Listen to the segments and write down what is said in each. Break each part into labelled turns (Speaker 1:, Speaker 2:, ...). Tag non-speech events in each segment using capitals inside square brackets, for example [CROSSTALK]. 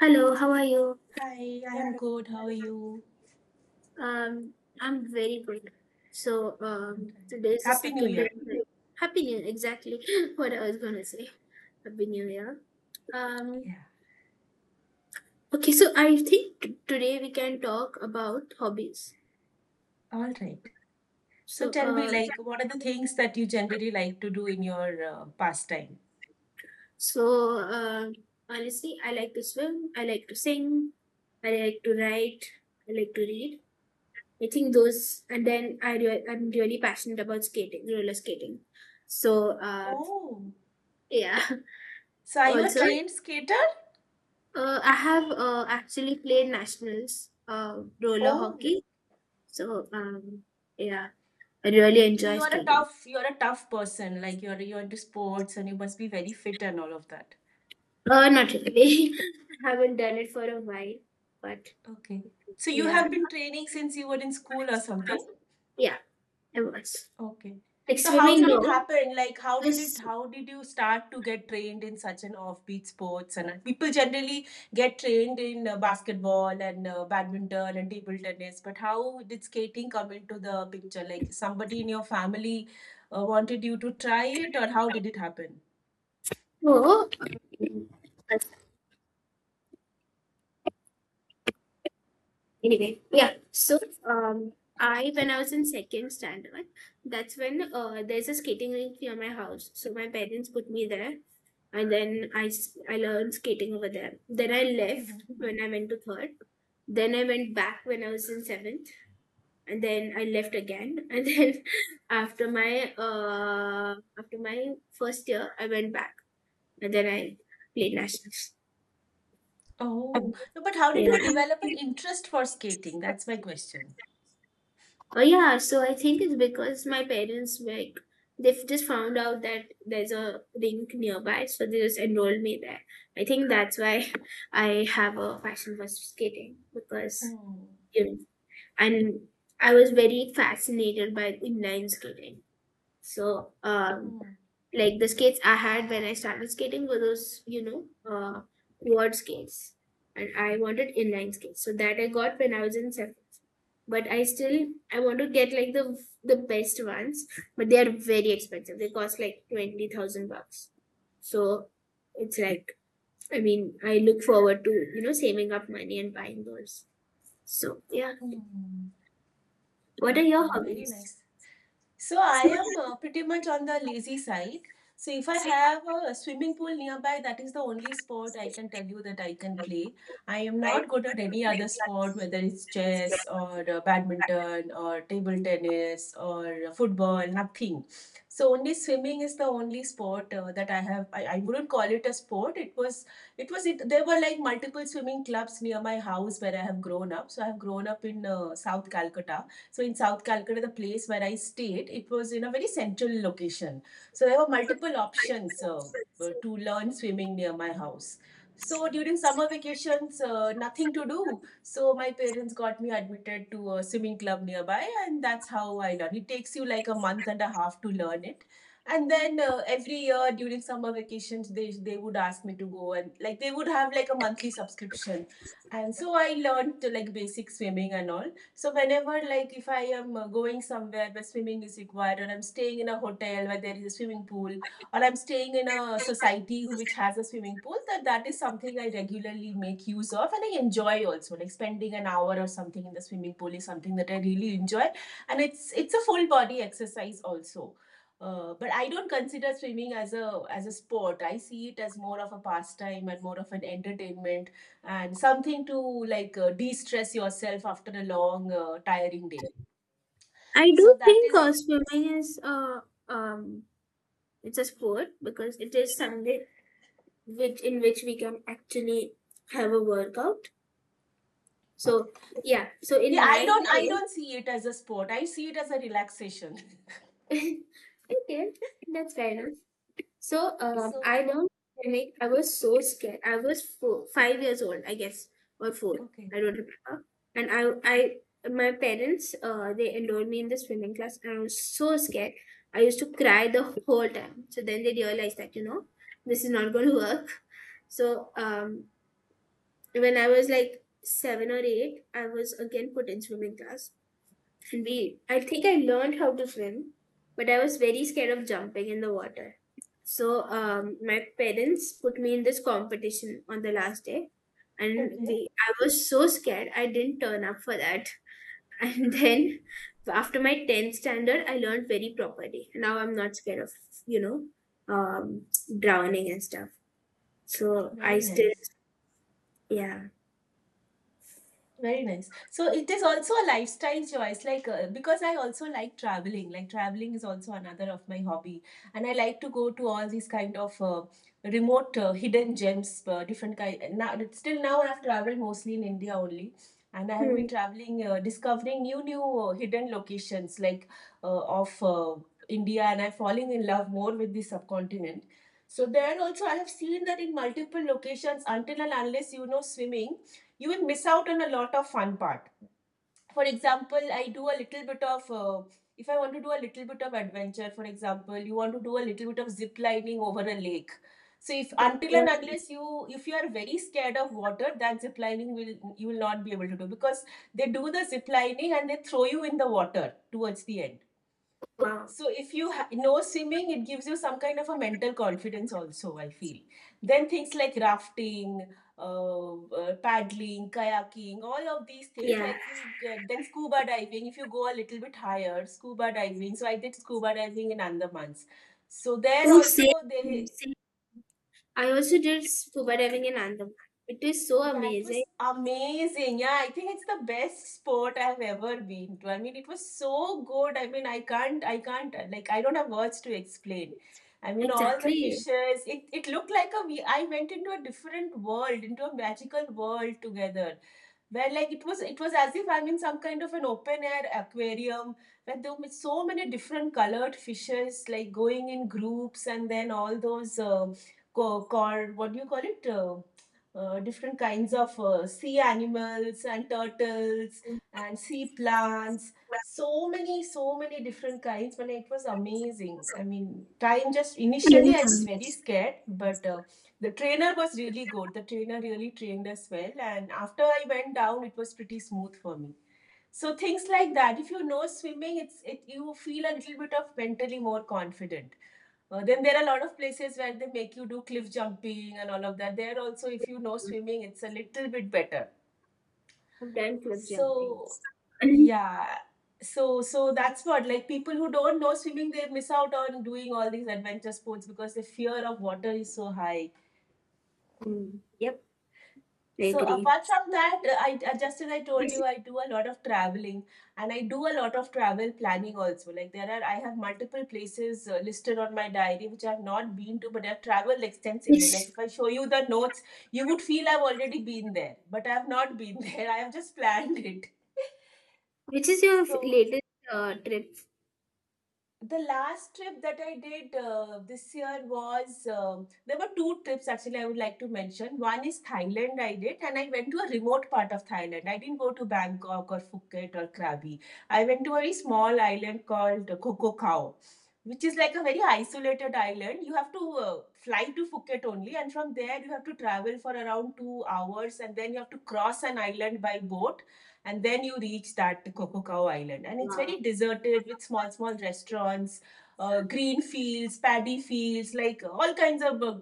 Speaker 1: Hello, how are you?
Speaker 2: Hi, I am good. How are you?
Speaker 1: Um, I'm very good. So,
Speaker 2: All right.
Speaker 1: today is the
Speaker 2: Happy New
Speaker 1: second day
Speaker 2: Year.
Speaker 1: Happy New Year, exactly [LAUGHS] what I was gonna say. Happy New Year. Um,
Speaker 2: Yeah.
Speaker 1: okay, so I think today we can talk about hobbies.
Speaker 2: All right. So
Speaker 1: So,
Speaker 2: tell me,
Speaker 1: uh,
Speaker 2: like, what are the things that you generally like to do in your pastime?
Speaker 1: so um honestly, I like to swim. I like to sing. I like to write. I like to read. I think those, and then I'm really passionate about skating, roller skating. So,
Speaker 2: Oh,
Speaker 1: yeah.
Speaker 2: so are you a
Speaker 1: Also,
Speaker 2: trained skater?
Speaker 1: I have actually played nationals roller
Speaker 2: Oh,
Speaker 1: hockey. So, yeah, I really
Speaker 2: so
Speaker 1: enjoy
Speaker 2: you are a
Speaker 1: skating.
Speaker 2: tough, you are a tough person. Like you're into sports and you must be very fit and all of that.
Speaker 1: Not really. [LAUGHS] I haven't done it for a while, but
Speaker 2: Okay. So you
Speaker 1: yeah,
Speaker 2: have been training since you were in school or something?
Speaker 1: yeah, I was.
Speaker 2: Okay.
Speaker 1: Like
Speaker 2: So how
Speaker 1: swimming,
Speaker 2: did it
Speaker 1: no.
Speaker 2: happen? Like how did it
Speaker 1: Just-
Speaker 2: how did you start to get trained in such an offbeat sports and people generally get trained in basketball and badminton and table tennis but how did skating come into the picture? Like somebody in your family wanted you to try it or how did it happen?
Speaker 1: So, anyway, yeah. So, um, I when I was in second standard, that's when there's a skating rink near my house. So my parents put me there, and then I learned skating over there. Then I left
Speaker 2: Mhm.
Speaker 1: when I went to third. Then I went back when I was in seventh, and then I left again. [LAUGHS] And then after my first year, I went back, and then I played nationals.
Speaker 2: Oh, no, but how did you
Speaker 1: Yeah.
Speaker 2: develop an interest for skating? That's my question.
Speaker 1: Oh yeah, so I think it's because my parents, like, they have just found out that there's a rink nearby, so they just enrolled me there. I think that's why [LAUGHS] I have a passion for skating because,
Speaker 2: Hmm.
Speaker 1: you know, and I was very fascinated by inline skating. So,
Speaker 2: Hmm.
Speaker 1: like the skates I had when I started skating were those, quad skates, and I wanted inline skates. So that I got when I was in, but I still, I want to get like the best ones, but they are very expensive. They cost like 20,000 bucks. So it's like, I mean, I look forward to, saving up money and buying those. So yeah,
Speaker 2: Hmm.
Speaker 1: what are your
Speaker 2: Okay, very
Speaker 1: hobbies?
Speaker 2: nice. So I am pretty much on the lazy side. So if I have a swimming pool nearby, that is the only sport I can tell you that I can play. I am not good at any other sport, whether it's chess or badminton or table tennis or football, nothing. So only swimming is the only sport that I have. I wouldn't call it a sport. It was it. There were like multiple swimming clubs near my house where I have grown up. So I have grown up in South Calcutta. So in South Calcutta, the place where I stayed, it was in a very central location. So there were multiple options to learn swimming near my house. So during summer vacations, nothing to do. So my parents got me admitted to a swimming club nearby, and that's how I learned. It takes you like a month and a half to learn it. And then every year during summer vacations, they would ask me to go and like they would have like a monthly subscription. And so I learned to like basic swimming and all. So whenever, like, if I am going somewhere where swimming is required, or I'm staying in a hotel where there is a swimming pool, or I'm staying in a society which has a swimming pool, that is something I regularly make use of, and I enjoy also. Like spending an hour or something in the swimming pool is something that I really enjoy, and it's a full body exercise also. But I don't consider swimming as a sport. I see it as more of a pastime and more of an entertainment and something to like de-stress yourself after a long tiring day.
Speaker 1: I do
Speaker 2: So that
Speaker 1: think,
Speaker 2: is,
Speaker 1: swimming is, um it's a sport because it is something which in which we can actually have a workout. So yeah, so in
Speaker 2: yeah, i
Speaker 1: my
Speaker 2: don't i
Speaker 1: case,
Speaker 2: don't see it as a sport. I see it as a relaxation.
Speaker 1: [LAUGHS] okay, that's fair enough. So,
Speaker 2: [LAUGHS]
Speaker 1: I
Speaker 2: so
Speaker 1: learned swimming. I was so scared. I was four, 5 years old, I guess, or four.
Speaker 2: okay.
Speaker 1: I don't remember. And my parents, they enrolled me in the swimming class, and I was so scared. I used to cry the whole time. So then they realized that, this is not going to work. So, when I was like 7 or 8, I was again put in swimming class. I think I learned how to swim, but I was very scared of jumping in the water. So, my parents put me in this competition on the last day, and
Speaker 2: Okay,
Speaker 1: I was so scared I didn't turn up for that. [LAUGHS] And then after my 10th standard, I learned very properly. Now I'm not scared of, you know um, drowning and stuff. So I
Speaker 2: very
Speaker 1: still
Speaker 2: nice.
Speaker 1: yeah.
Speaker 2: Very nice. So it is also a lifestyle choice, like because I also like traveling. Like traveling is also another of my hobby, and I like to go to all these kind of remote hidden gems, different kind. Now, still now I've traveled mostly in India only, and I have been
Speaker 1: Hmm.
Speaker 2: traveling, discovering new hidden locations like of India, and I'm falling in love more with the subcontinent. So there also I have seen that in multiple locations until and unless you know swimming you will miss out on a lot of fun part. For example, I do a little bit of, if I want to do a little bit of adventure, for example, you want to do a little bit of zip lining over a lake. So if until and unless you if you are very scared of water, that zip lining will you will not be able to do because they do the zip lining and they throw you in the water towards the end.
Speaker 1: Wow.
Speaker 2: So if you know swimming, it gives you some kind of a mental confidence also, I feel. Then things like rafting, uh, paddling, kayaking, all of these things
Speaker 1: Yeah.
Speaker 2: like you get, then scuba diving, if you go a little bit higher, scuba diving. So I did scuba diving in Andamans. So there
Speaker 1: Ooh, same,
Speaker 2: also they.
Speaker 1: I also did scuba diving in Andaman. It is so
Speaker 2: Yeah, it was
Speaker 1: amazing.
Speaker 2: amazing. Yeah, I think it's the best sport I've ever been to. I mean, it was so good. I mean, I can't, like, I don't have words to explain. I mean, all the
Speaker 1: Exactly.
Speaker 2: fishes, it looked like I went into a different world, into a magical world together where like it was as if I'm in some kind of an open air aquarium where there were so many different colored fishes like going in groups and then all those what do you call it, different kinds of sea animals and turtles and sea plants, so many, so many different kinds. But it was amazing. I mean, time just initially I was very
Speaker 1: Yes.
Speaker 2: scared, but the trainer was really good. The trainer really trained us well. And after I went down, it was pretty smooth for me. So things like that. If you know swimming, it's it you feel a little bit of mentally more confident. Then there are a lot of places where they make you do cliff jumping and all of that. There also, if you know swimming, it's a little bit better.
Speaker 1: I've done cliff jumping.
Speaker 2: So yeah. So so that's what like people who don't know swimming, they miss out on doing all these adventure sports because the fear of water is so high.
Speaker 1: Mm, I
Speaker 2: So
Speaker 1: agree.
Speaker 2: apart from that, I just as I told you, I do a lot of traveling and I do a lot of travel planning also. Like there are, I have multiple places listed on my diary which I have not been to, but I've traveled extensively. Like
Speaker 1: Which,
Speaker 2: if I show you the notes, you would feel I've already been there, but I have not been [LAUGHS] there. I have just planned it.
Speaker 1: which is your
Speaker 2: So
Speaker 1: latest trip?
Speaker 2: the last trip that I did this year was there were two trips actually I would like to mention. One is Thailand I did and I went to a remote part of Thailand. I didn't go to Bangkok or Phuket or Krabi. I went to a very small island called Kokokao, which is like a very isolated island. You have to fly to Phuket only and from there you have to travel for around 2 hours and then you have to cross an island by boat and then you reach that Kokokau Island. And it's very deserted with small, small restaurants, green fields, paddy fields, like all kinds of uh,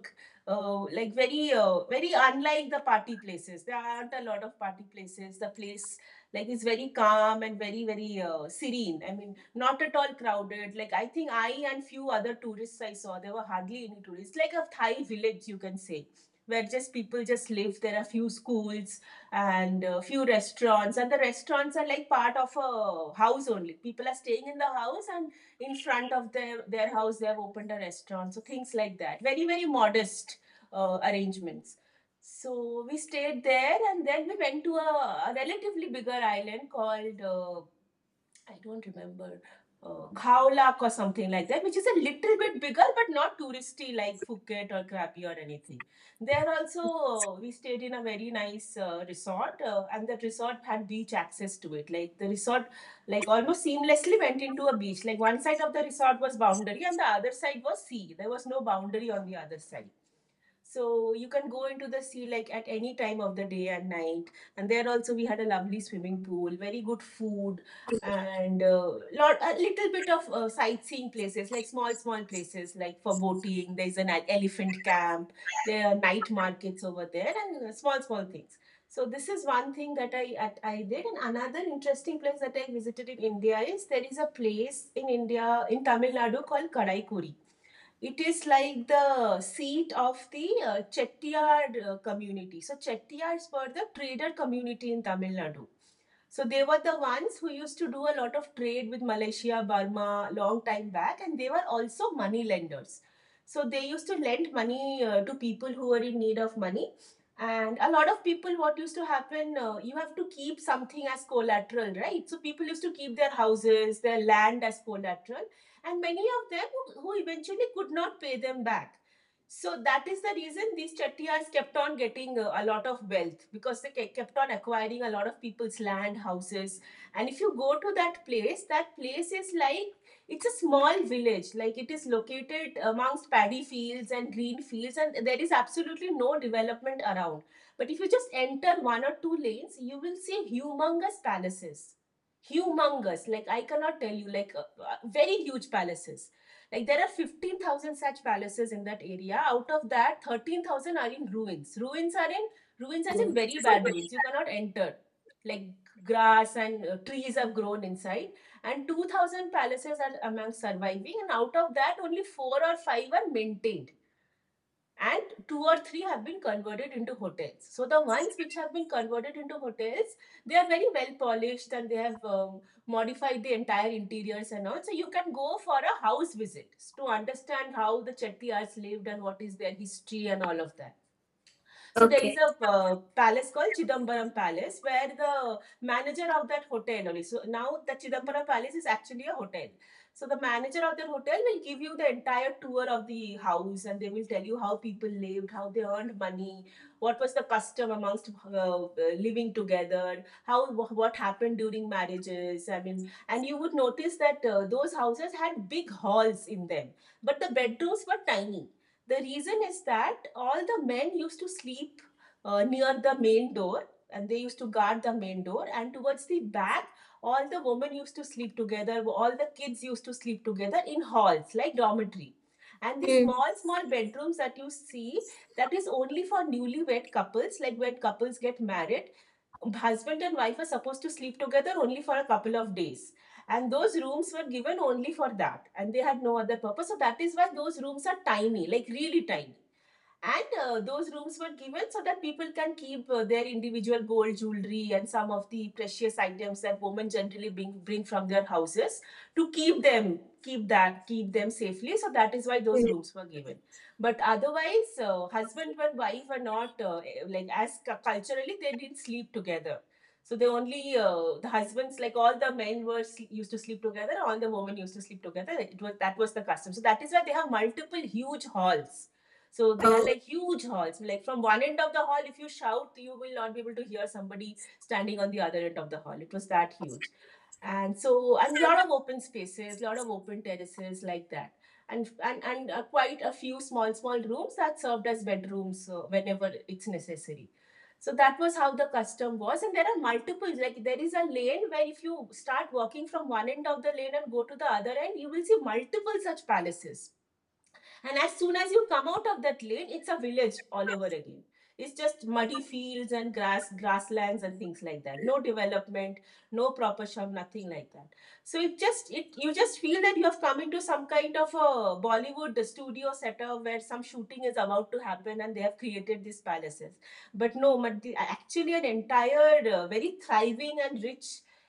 Speaker 2: uh, like very unlike the party places. There aren't a lot of party places. The place like is very calm and very, very serene. I mean, not at all crowded. Like I think I and few other tourists I saw, there were hardly any tourists, like a Thai village you can say, where just people just live. There are few schools and a few restaurants, and the restaurants are like part of a house only. People are staying in the house and in front of their house they have opened a restaurant. So things like that. Very, very modest arrangements. So we stayed there and then we went to a relatively bigger island called I don't remember. Khao Lak or something like that, which is a little bit bigger but not touristy like Phuket or Krabi or anything. There also, we stayed in a very nice resort, and that resort had beach access to it. Like the resort, like almost seamlessly went into a beach. Like one side of the resort was boundary, and the other side was sea. There was no boundary on the other side. So you can go into the sea like at any time of the day and night. And there also we had a lovely swimming pool, very good food, and lot a little bit of sightseeing places, like small small places like for boating. There's an elephant camp. There are night markets over there, and small small things. So this is one thing that I did. And another interesting place that I visited in India is there is a place in India in Tamil Nadu called Karaikuri. It is like the seat of the Chettiyar community. So Chettiars were the trader community in Tamil Nadu. So they were the ones who used to do a lot of trade with Malaysia, Burma, long time back, and they were also money lenders. So they used to lend money to people who were in need of money. And a lot of people, what used to happen, you have to keep something as collateral, right? So people used to keep their houses, their land as collateral, and many of them who eventually could not pay them back. So that is the reason these Chattiyars kept on getting a lot of wealth because they kept on acquiring a lot of people's land, houses. And if you go to that place is like it's a small village, like it is located amongst paddy fields and green fields, and there is absolutely no development around. But if you just enter one or two lanes, you will see humongous palaces. Humongous, like I cannot tell you, like very huge palaces like there are 15,000 such palaces in that area. Out of that, 13,000 are in ruins. Ruins are in ruins as in very bad ruins. You cannot enter. Like grass and trees have grown inside. And 2,000 palaces are among surviving. And out of that, only four or five are maintained and two or three have been converted into hotels. So the ones which have been converted into hotels, they are very well polished and they have modified the entire interiors and all. So you can go for a house visit to understand how the Chettiars lived and what is their history and all of that. So there is
Speaker 1: Okay.
Speaker 2: a palace called Chidambaram Palace where the manager of that hotel only. So now the Chidambaram Palace is actually a hotel. So the manager of that hotel will give you the entire tour of the house and they will tell you how people lived, how they earned money, what was the custom amongst living together, how what happened during marriages. I mean, and you would notice that those houses had big halls in them, but the bedrooms were tiny. The reason is that all the men used to sleep near the main door and they used to guard the main door, and towards the back all the women used to sleep together, all the kids used to sleep together in halls like dormitory. And the
Speaker 1: Mm.
Speaker 2: small small bedrooms that you see, that is only for newlywed couples. Like when couples get married, husband and wife were supposed to sleep together only for a couple of days, and those rooms were given only for that and they had no other purpose. So that is why those rooms are tiny, like really tiny. And those rooms were given so that people can keep their individual gold jewelry and some of the precious items that women generally bring, from their houses to keep them, keep them safely. So that is why those rooms were given. But otherwise, husband and wife were not like, as culturally they didn't sleep together. So they only the husbands, like all the men were used to sleep together, all the women used to sleep together. It was that was the custom. So that is why they have multiple huge halls, so they are like huge halls. Like from one end of the hall, if you shout, you will not be able to hear somebody standing on the other end of the hall. It was that huge. And a lot of open spaces, a lot of open terraces like that. And quite a few small, small rooms that served as bedrooms whenever it's necessary. So that was how the custom was. And there are multiples, like there is a lane where if you start walking from one end of the lane and go to the other end, you will see multiple such palaces, and as soon as you come out of that lane, it's a village all over again. It's just muddy fields and grass, grasslands and things like that. No development, no proper shop, nothing like that. So it just it you just feel that you have come into some kind of a Bollywood studio setup where some shooting is about to happen and they have created these palaces. But no, actually an entire very thriving and rich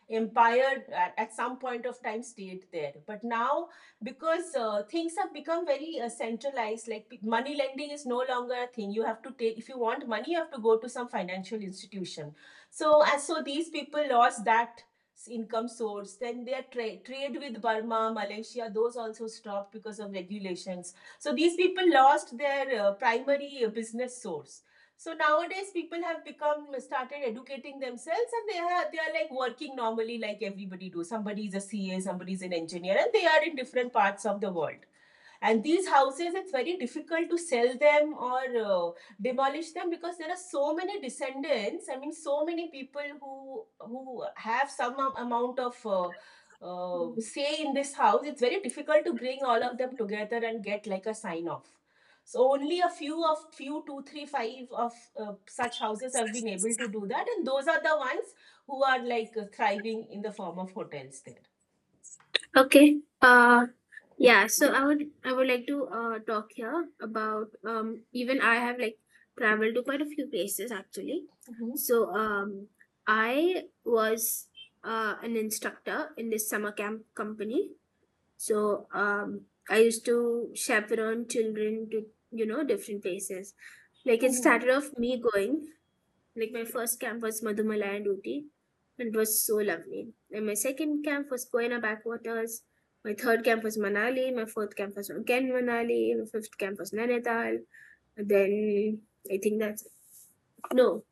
Speaker 2: empire at some point of time stayed there. But now because things have become very centralized, like money lending is no longer a thing. You have to take, if you want money you have to go to some financial institution. So as so these people lost that income source. Then their trade with Burma, Malaysia, those also stopped because of regulations. So these people lost their primary business source. So nowadays, people have become started educating themselves, and they are like working normally like everybody do. Somebody is a C A, somebody is an engineer, and they are in different parts of the world. And these houses, it's very difficult to sell them or demolish them because there are so many descendants. I mean, so many people who have some amount of say in this house. It's very difficult to bring all of them together and get like a sign off. So only a few, two three five of such houses have been able to do that, and those are the ones who are like thriving in the form of hotels there.
Speaker 1: Okay. Yeah, so I would like to talk here about, even I have, like, traveled to quite a few places actually.
Speaker 2: Mm-hmm.
Speaker 1: So I was an instructor in this summer camp company. So, I used to chaperone children to, different places. Like it
Speaker 2: Mm-hmm.
Speaker 1: started off me going. Like my first camp was Madhumala and Uti, and it was so lovely. And my second camp was Koina backwaters. My third camp was Manali. My fourth camp was again Manali. My fifth camp was Nainital. And then I think that's no,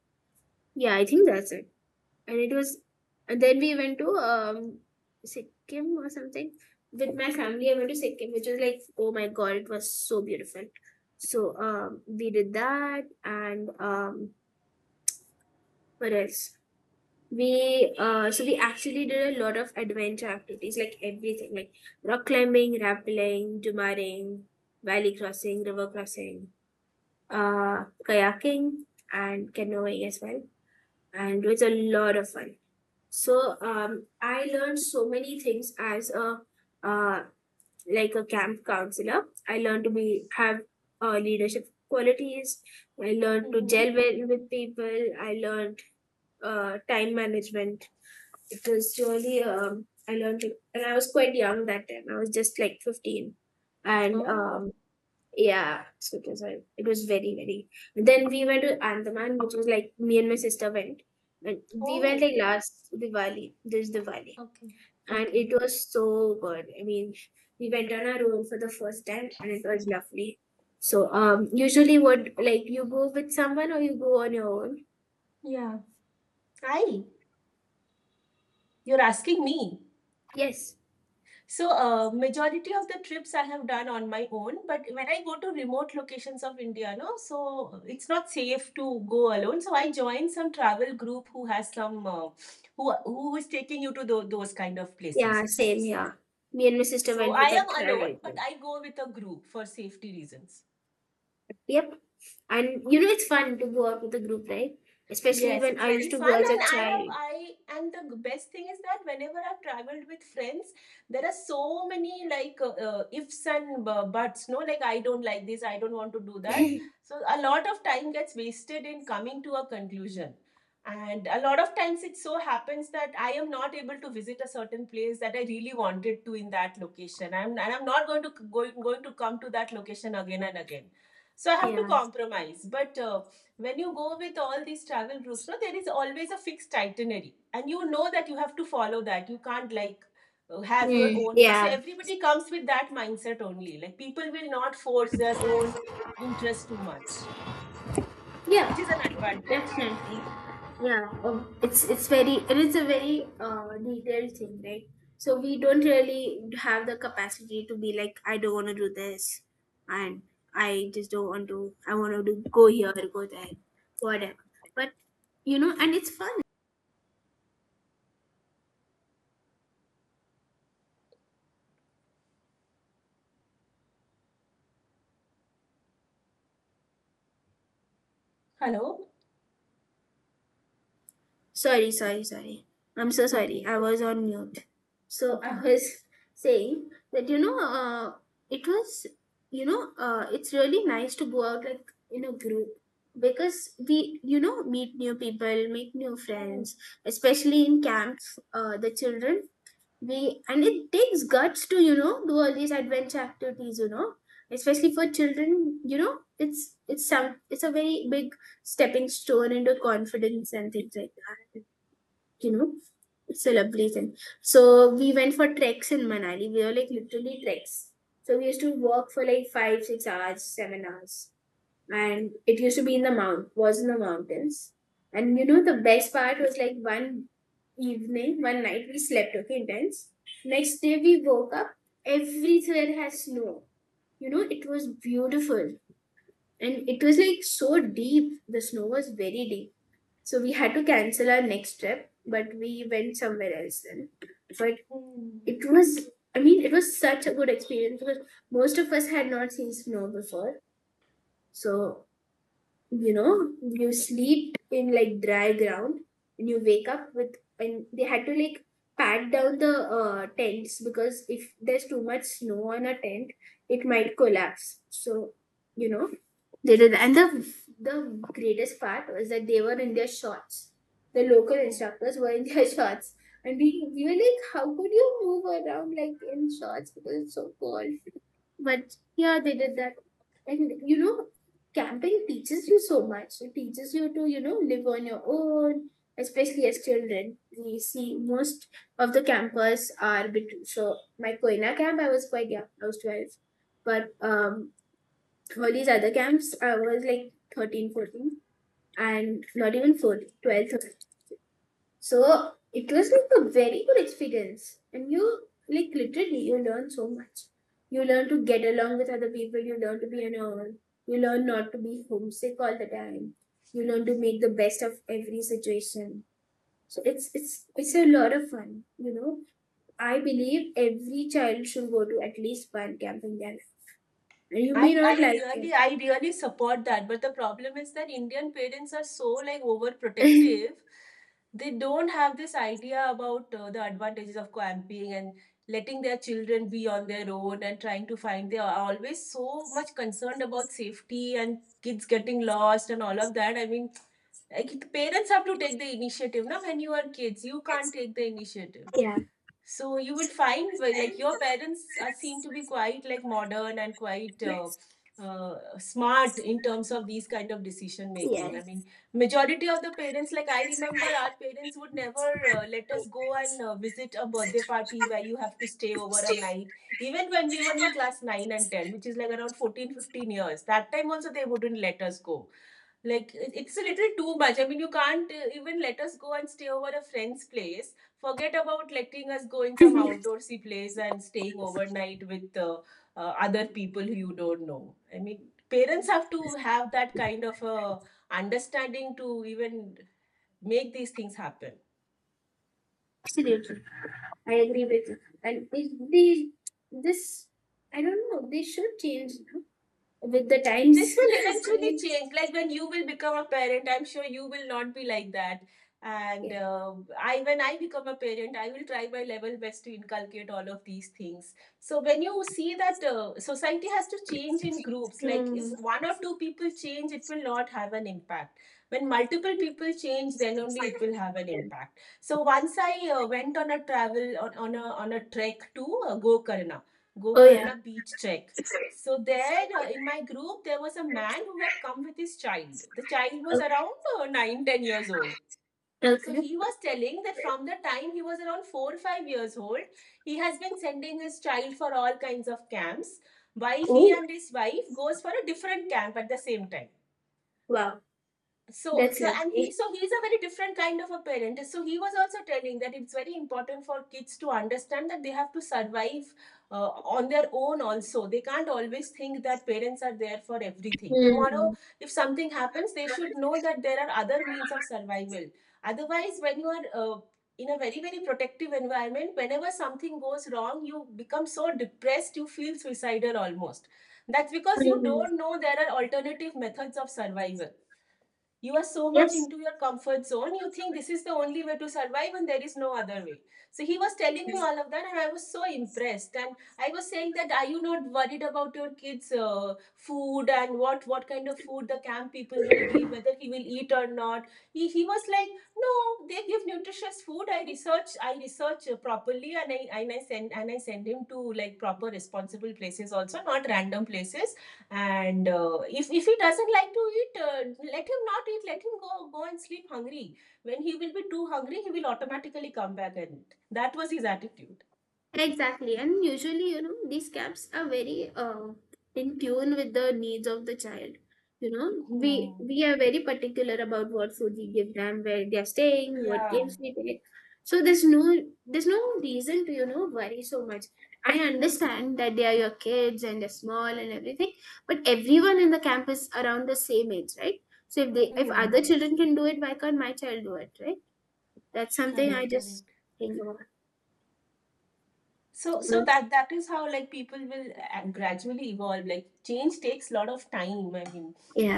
Speaker 1: yeah, I think that's it, and it was and then we went to, Sikkim or something with my family. I went to Sikkim, which was like, oh my god, it was so beautiful. So we did that, and, what else? We So we actually did a lot of adventure activities, like everything, like rock climbing, rappelling, jumaring, valley crossing, river crossing, kayaking, and canoeing as well. And it was a lot of fun. So, I learned so many things as uh, a camp counselor. I learned to be have, leadership qualities. I learned to
Speaker 2: Mm-hmm.
Speaker 1: gel well with people. I learned, time management. It was really, I learned it, and I was quite young that time. I was just like 15, and,
Speaker 2: Oh.
Speaker 1: yeah, so it was very, very. Then we went to Andaman, which was like me and my sister went. And we went
Speaker 2: Oh.
Speaker 1: like last Diwali, this Diwali,
Speaker 2: Okay,
Speaker 1: and
Speaker 2: okay.
Speaker 1: it was so good. I mean, we went on our own for the first time, and it was lovely. So, usually, would, like, you go with someone or you go on your own?
Speaker 2: Yeah. Hi, you're asking me.
Speaker 1: Yes.
Speaker 2: So, majority of the trips I have done on my own, but when I go to remote locations of India, no, so it's not safe to go alone. So I join some travel group who has some who is taking you to those kind of places.
Speaker 1: Yeah, same here. Me and my sister
Speaker 2: So
Speaker 1: went
Speaker 2: I
Speaker 1: with our
Speaker 2: am alone,
Speaker 1: travel
Speaker 2: but
Speaker 1: group.
Speaker 2: I go with a group for safety reasons.
Speaker 1: Yep. And, it's fun to go out with a group, right? Especially
Speaker 2: Yes,
Speaker 1: when
Speaker 2: it's
Speaker 1: I
Speaker 2: very
Speaker 1: used to go
Speaker 2: fun,
Speaker 1: as
Speaker 2: and
Speaker 1: a
Speaker 2: I have
Speaker 1: child.
Speaker 2: I and the best thing is that whenever I've traveled with friends, there are so many like ifs and buts. No, like I don't like this, I don't want to do
Speaker 1: [LAUGHS]
Speaker 2: that. So a lot of time gets wasted in coming to a conclusion, and a lot of times it so happens that I am not able to visit a certain place that I really wanted to in that location. I'm not going to going to come to that location again and again. So I have to
Speaker 1: Yeah.
Speaker 2: compromise, but. When you go with all these travel groups, no, there is always a fixed itinerary, and you know that you have to follow that. You can't like have your
Speaker 1: Hmm.
Speaker 2: own way. So
Speaker 1: Yeah.
Speaker 2: everybody comes with that mindset only. Like people will not force their own interest too much, which is
Speaker 1: Yeah.
Speaker 2: an advantage.
Speaker 1: Yeah, it's very it is a very, detailed thing, right? So we don't really have the capacity to be like, I don't want to do this, and I just don't want to. I want to go here, go there, whatever. But, and it's fun.
Speaker 2: Hello.
Speaker 1: Sorry, sorry, sorry. I'm so sorry.
Speaker 2: Okay.
Speaker 1: I was on mute. So I
Speaker 2: Okay.
Speaker 1: was [LAUGHS] saying that, it was it's really nice to go out like in a group because we, meet new people, make new
Speaker 2: Hmm.
Speaker 1: friends, especially in camps. The children, we and it takes guts to, do all these adventure activities. Especially for children. It's a very big stepping stone into confidence and things like that, you know celebration. So we went for treks in Manali, we were like literally treks, so we used to walk for like 5, 6 hours 7 hours, and it used to be in the mount was in the mountains. And, the best part was like one evening, one night we slept, okay, intense. Next day we woke up, everywhere has snow, it was beautiful. And it was like so deep. The snow was very deep. So we had to cancel our next trip, but we went somewhere else then. But
Speaker 2: Hmm.
Speaker 1: it was, I mean, it was such a good experience because most of us had not seen snow before. So, you sleep in like dry ground, and you wake up, and they had to, like, pat down the, tents because if there's too much snow on a tent, it might collapse. So, you know, they did, and the greatest part was that they were in their shorts. The local
Speaker 2: Hmm.
Speaker 1: instructors were in their [LAUGHS] shorts, and we were like, "How could you move around like in shorts because it's so cold?" But yeah, they did that, and, camping teaches you so much. It teaches you to, live on your own, especially as children. We see most of the campers are between. So my Koina camp, I was quite young. I was 12, but all these other camps, I was like 13, 14, and not even 14, 12, 13. So it was like a very good experience. And you, like, literally, you learn so much. You learn to get along with other people, you learn to be on your own, you learn not to be homesick all the time, you learn to make the best of every situation. So it's a lot of fun. I believe every child should go to at least one camp in their life. And you may
Speaker 2: I,
Speaker 1: not
Speaker 2: I
Speaker 1: like
Speaker 2: really I really support that, but the problem is that Indian parents are so like
Speaker 1: it.
Speaker 2: overprotective. They don't have this idea about the advantages of camping and letting their children be on their own and trying to find. They are always so much concerned about safety and kids getting lost and all of that. I mean, like parents have to take the initiative. Now, when you are kids, you can't take the initiative. So you will find, well, like your parents are seem to be quite like modern and quite smart in terms of these kind of decision making. I mean, majority of the parents, like I remember, our parents would never let us go and visit a birthday party where you have to stay over a night. Even when we were in class nine and ten, which is like around 14, 15 years, that time also they wouldn't let us go. Like it, it's a little too much. I mean, you can't even let us go and stay over a friend's place. Forget about letting us go in some outdoorsy place and staying overnight with other people who you don't know. I mean, parents
Speaker 1: [LAUGHS]
Speaker 2: have to have that kind of understanding to even make these things happen.
Speaker 1: Absolutely, I agree with you. And, this, I don't know, they should change, with the
Speaker 2: This
Speaker 1: times.
Speaker 2: will
Speaker 1: [LAUGHS] I
Speaker 2: eventually
Speaker 1: mean,
Speaker 2: change. Like when you will become a parent, I'm sure you will not be like that. And
Speaker 1: yeah.
Speaker 2: I, when I become a parent, I will try my level best to inculcate all of these things. So when you see that society has to change in groups, like if
Speaker 1: Hmm.
Speaker 2: one or two people change, it will not have an impact. When multiple people change, then only it will have an
Speaker 1: Yeah.
Speaker 2: impact. So once I went on a travel on a trek to Gokarna,
Speaker 1: Oh yeah.
Speaker 2: Gokarna beach trek. So there, in my group, there was a man who had come with his child. The child was
Speaker 1: Okay.
Speaker 2: around 9, 10 years old. So
Speaker 1: Okay.
Speaker 2: he was telling that from the time he was around 4 or 5 years old, he has been sending his child for all kinds of camps, while he
Speaker 1: Oh,
Speaker 2: and his wife goes for a different camp at the same time.
Speaker 1: wow,
Speaker 2: so
Speaker 1: that's
Speaker 2: so and he
Speaker 1: lovely.
Speaker 2: so he's a very different kind of a parent. So he was also telling that it's very important for kids to understand that they have to survive uh, on their own also. They can't always think that parents are there for everything. Tomorrow
Speaker 1: Hmm.
Speaker 2: if something happens, they should know that there are other means of survival. Otherwise, when you are in a very very protective environment, whenever something goes wrong, you become so depressed, you feel suicidal almost. That's because you
Speaker 1: Hmm.
Speaker 2: don't know there are alternative methods of survival. You are so
Speaker 1: Yep.
Speaker 2: much into your comfort zone, you think this is the only way to survive and there is no other way. So he was telling me all of that and I was so impressed, and I was saying that are you not worried about your kids' food and what kind of food the camp people will give, whether he will eat or not. He was like, no, they give nutritious food. I research properly, and I send him to like proper responsible places also, not random places. And if he doesn't like to eat, let him not eat, let him go and sleep hungry. When he will be too hungry, he will automatically come back and eat. That was his attitude.
Speaker 1: Exactly, and usually, these camps are very, in tune with the needs of the child. We
Speaker 2: Hmm.
Speaker 1: we are very particular about what food we give them, where they are staying, what
Speaker 2: Yeah.
Speaker 1: games we take. So there's no reason to, worry so much. I understand that they are your kids and they're small and everything, but everyone in the camp is around the same age, right? So if they if other
Speaker 2: Hmm.
Speaker 1: children can do it, why can't my child do it, right? That's something I
Speaker 2: Correct,
Speaker 1: just
Speaker 2: correct.
Speaker 1: think about.
Speaker 2: So that is how like people will gradually evolve. Like, change takes a lot of time, I mean,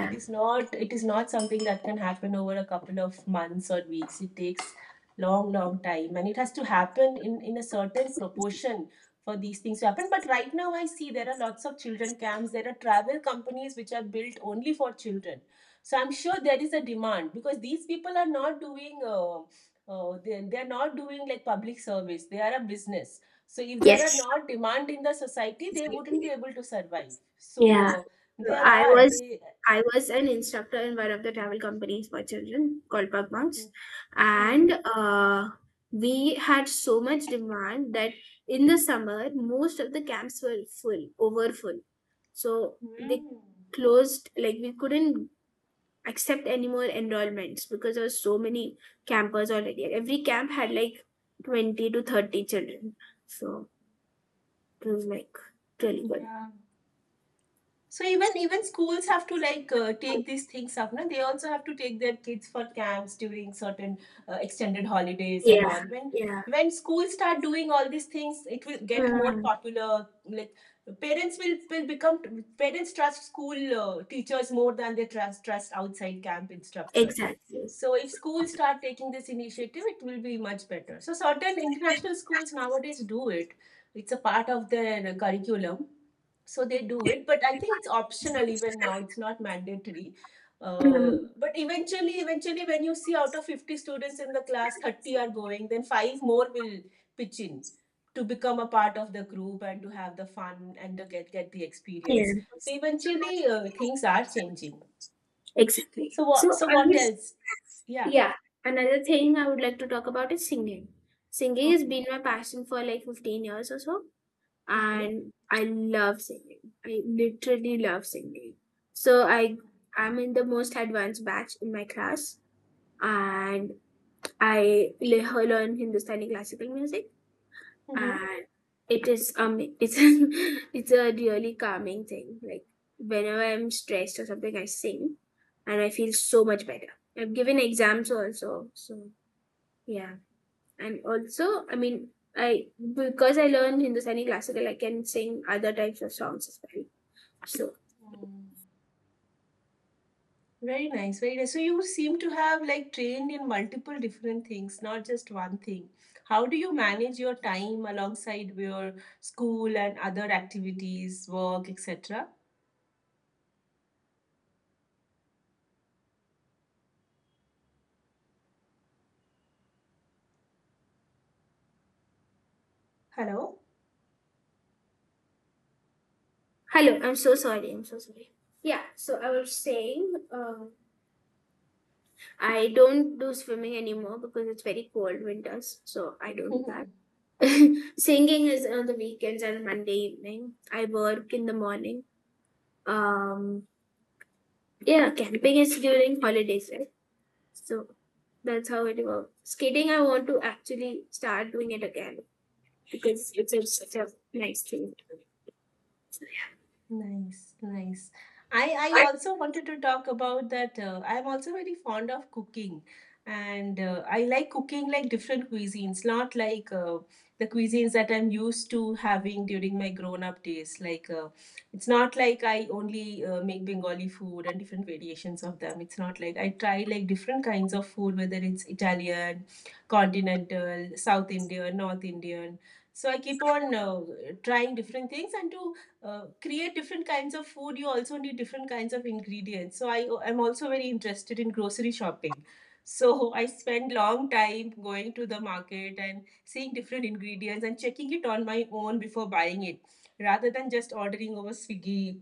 Speaker 2: it is not something that can happen over a couple of months or weeks. It takes long long time, and it has to happen in a certain proportion for these things to happen. But right now, I see there are lots of children camps, there are travel companies which are built only for children. So I'm sure there is a demand, because these people are not doing they're not doing like public service, they are a business. So if there are
Speaker 1: Yes.
Speaker 2: not demand in the society, they wouldn't be able to survive. So
Speaker 1: Yeah. So
Speaker 2: there
Speaker 1: I
Speaker 2: are
Speaker 1: was
Speaker 2: they.
Speaker 1: I was an instructor in one of the travel companies for children called Pug Monks,
Speaker 2: Okay. Hmm.
Speaker 1: and, we had so much demand that in the summer most of the camps were full, over full. So they closed, like we couldn't accept any more enrollments because there were so many campers already. Every camp had like 20 to 30 children, so it was like really good.
Speaker 2: Uh, So even even schools have to like take these things up. No, they also have to take their kids for camps during certain extended holidays and
Speaker 1: Yeah,
Speaker 2: all.
Speaker 1: yeah.
Speaker 2: When schools start doing all these things, it will get more popular. Like, parents will become, parents trust school teachers more than they trust outside camp instructors.
Speaker 1: Exactly.
Speaker 2: So if schools start taking this initiative, it will be much better. So certain international schools nowadays do it. It's a part of their curriculum, so they do it, but I think it's optional even now, it's not mandatory. uh,
Speaker 1: Mm,
Speaker 2: but eventually, when you see out of 50 students in the class, 30 are going, then five more will pitch in to become a part of the group and to have the fun and to get the
Speaker 1: yeah,
Speaker 2: experience. So eventually, things are changing.
Speaker 1: exactly. So
Speaker 2: So what else? Yeah.
Speaker 1: yeah, another thing I would like to talk about is singing. Singing has been
Speaker 2: Okay.
Speaker 1: my passion for like 15 years or so,
Speaker 2: Okay.
Speaker 1: and I love singing. I literally love singing. So I'm in the most advanced batch in my class, and I learn Hindustani classical music. And it's [LAUGHS] it's a really calming thing, like whenever I'm stressed or something I sing, and I feel so much better. I've given exams also, so yeah. And also, I mean, I because I learned Hindustani classical, I can sing other types of songs as well. So
Speaker 2: Mm-hmm. Very nice, very nice. So you seem to have like trained in multiple different things, not just one thing. How do you manage your time alongside your school and other activities, work, etc.? Hello?
Speaker 1: hello, I'm so sorry, I'm so sorry. Yeah, so I was saying, I don't do swimming anymore because it's very cold winters, so I don't do that.
Speaker 2: [LAUGHS]
Speaker 1: [LAUGHS] Singing is on the weekends and Monday evening. I work in the morning. Um, yeah, camping is during holidays, right? So that's how it works. Skating, I want to actually start doing it again because it's such a nice thing.
Speaker 2: Nice, nice. I also wanted to talk about that. I'm also very fond of cooking, and I like cooking like different cuisines, not like the cuisines that I'm used to having during my grown-up days. Like, it's not like I only make Bengali food and different variations of them. It's not like, I try like different kinds of food, whether it's Italian, continental, South Indian, North Indian. So I keep on trying different things. And to create different kinds of food, you also need different kinds of ingredients. So I am also very interested in grocery shopping. So [LAUGHS] I spend long time going to the market and seeing different ingredients and checking it on my own before buying it, rather than just ordering over Swiggy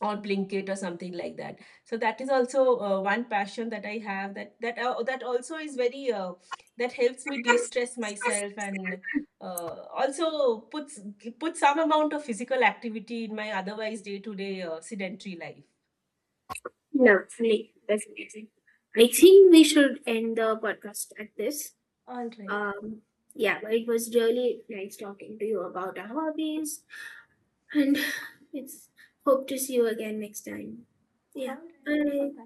Speaker 2: or Blinkit or something like that. So that is also one passion that I have, that also is very that helps me de-stress myself and also puts some amount of physical activity in my otherwise day-to-day sedentary life.
Speaker 1: Lovely, definitely. I think we should end the podcast at this.
Speaker 2: All right.
Speaker 1: Um, yeah, but it was really nice talking to you about our hobbies, and [LAUGHS] [SIGHS] it's hope to see you again next time. Yeah. Bye.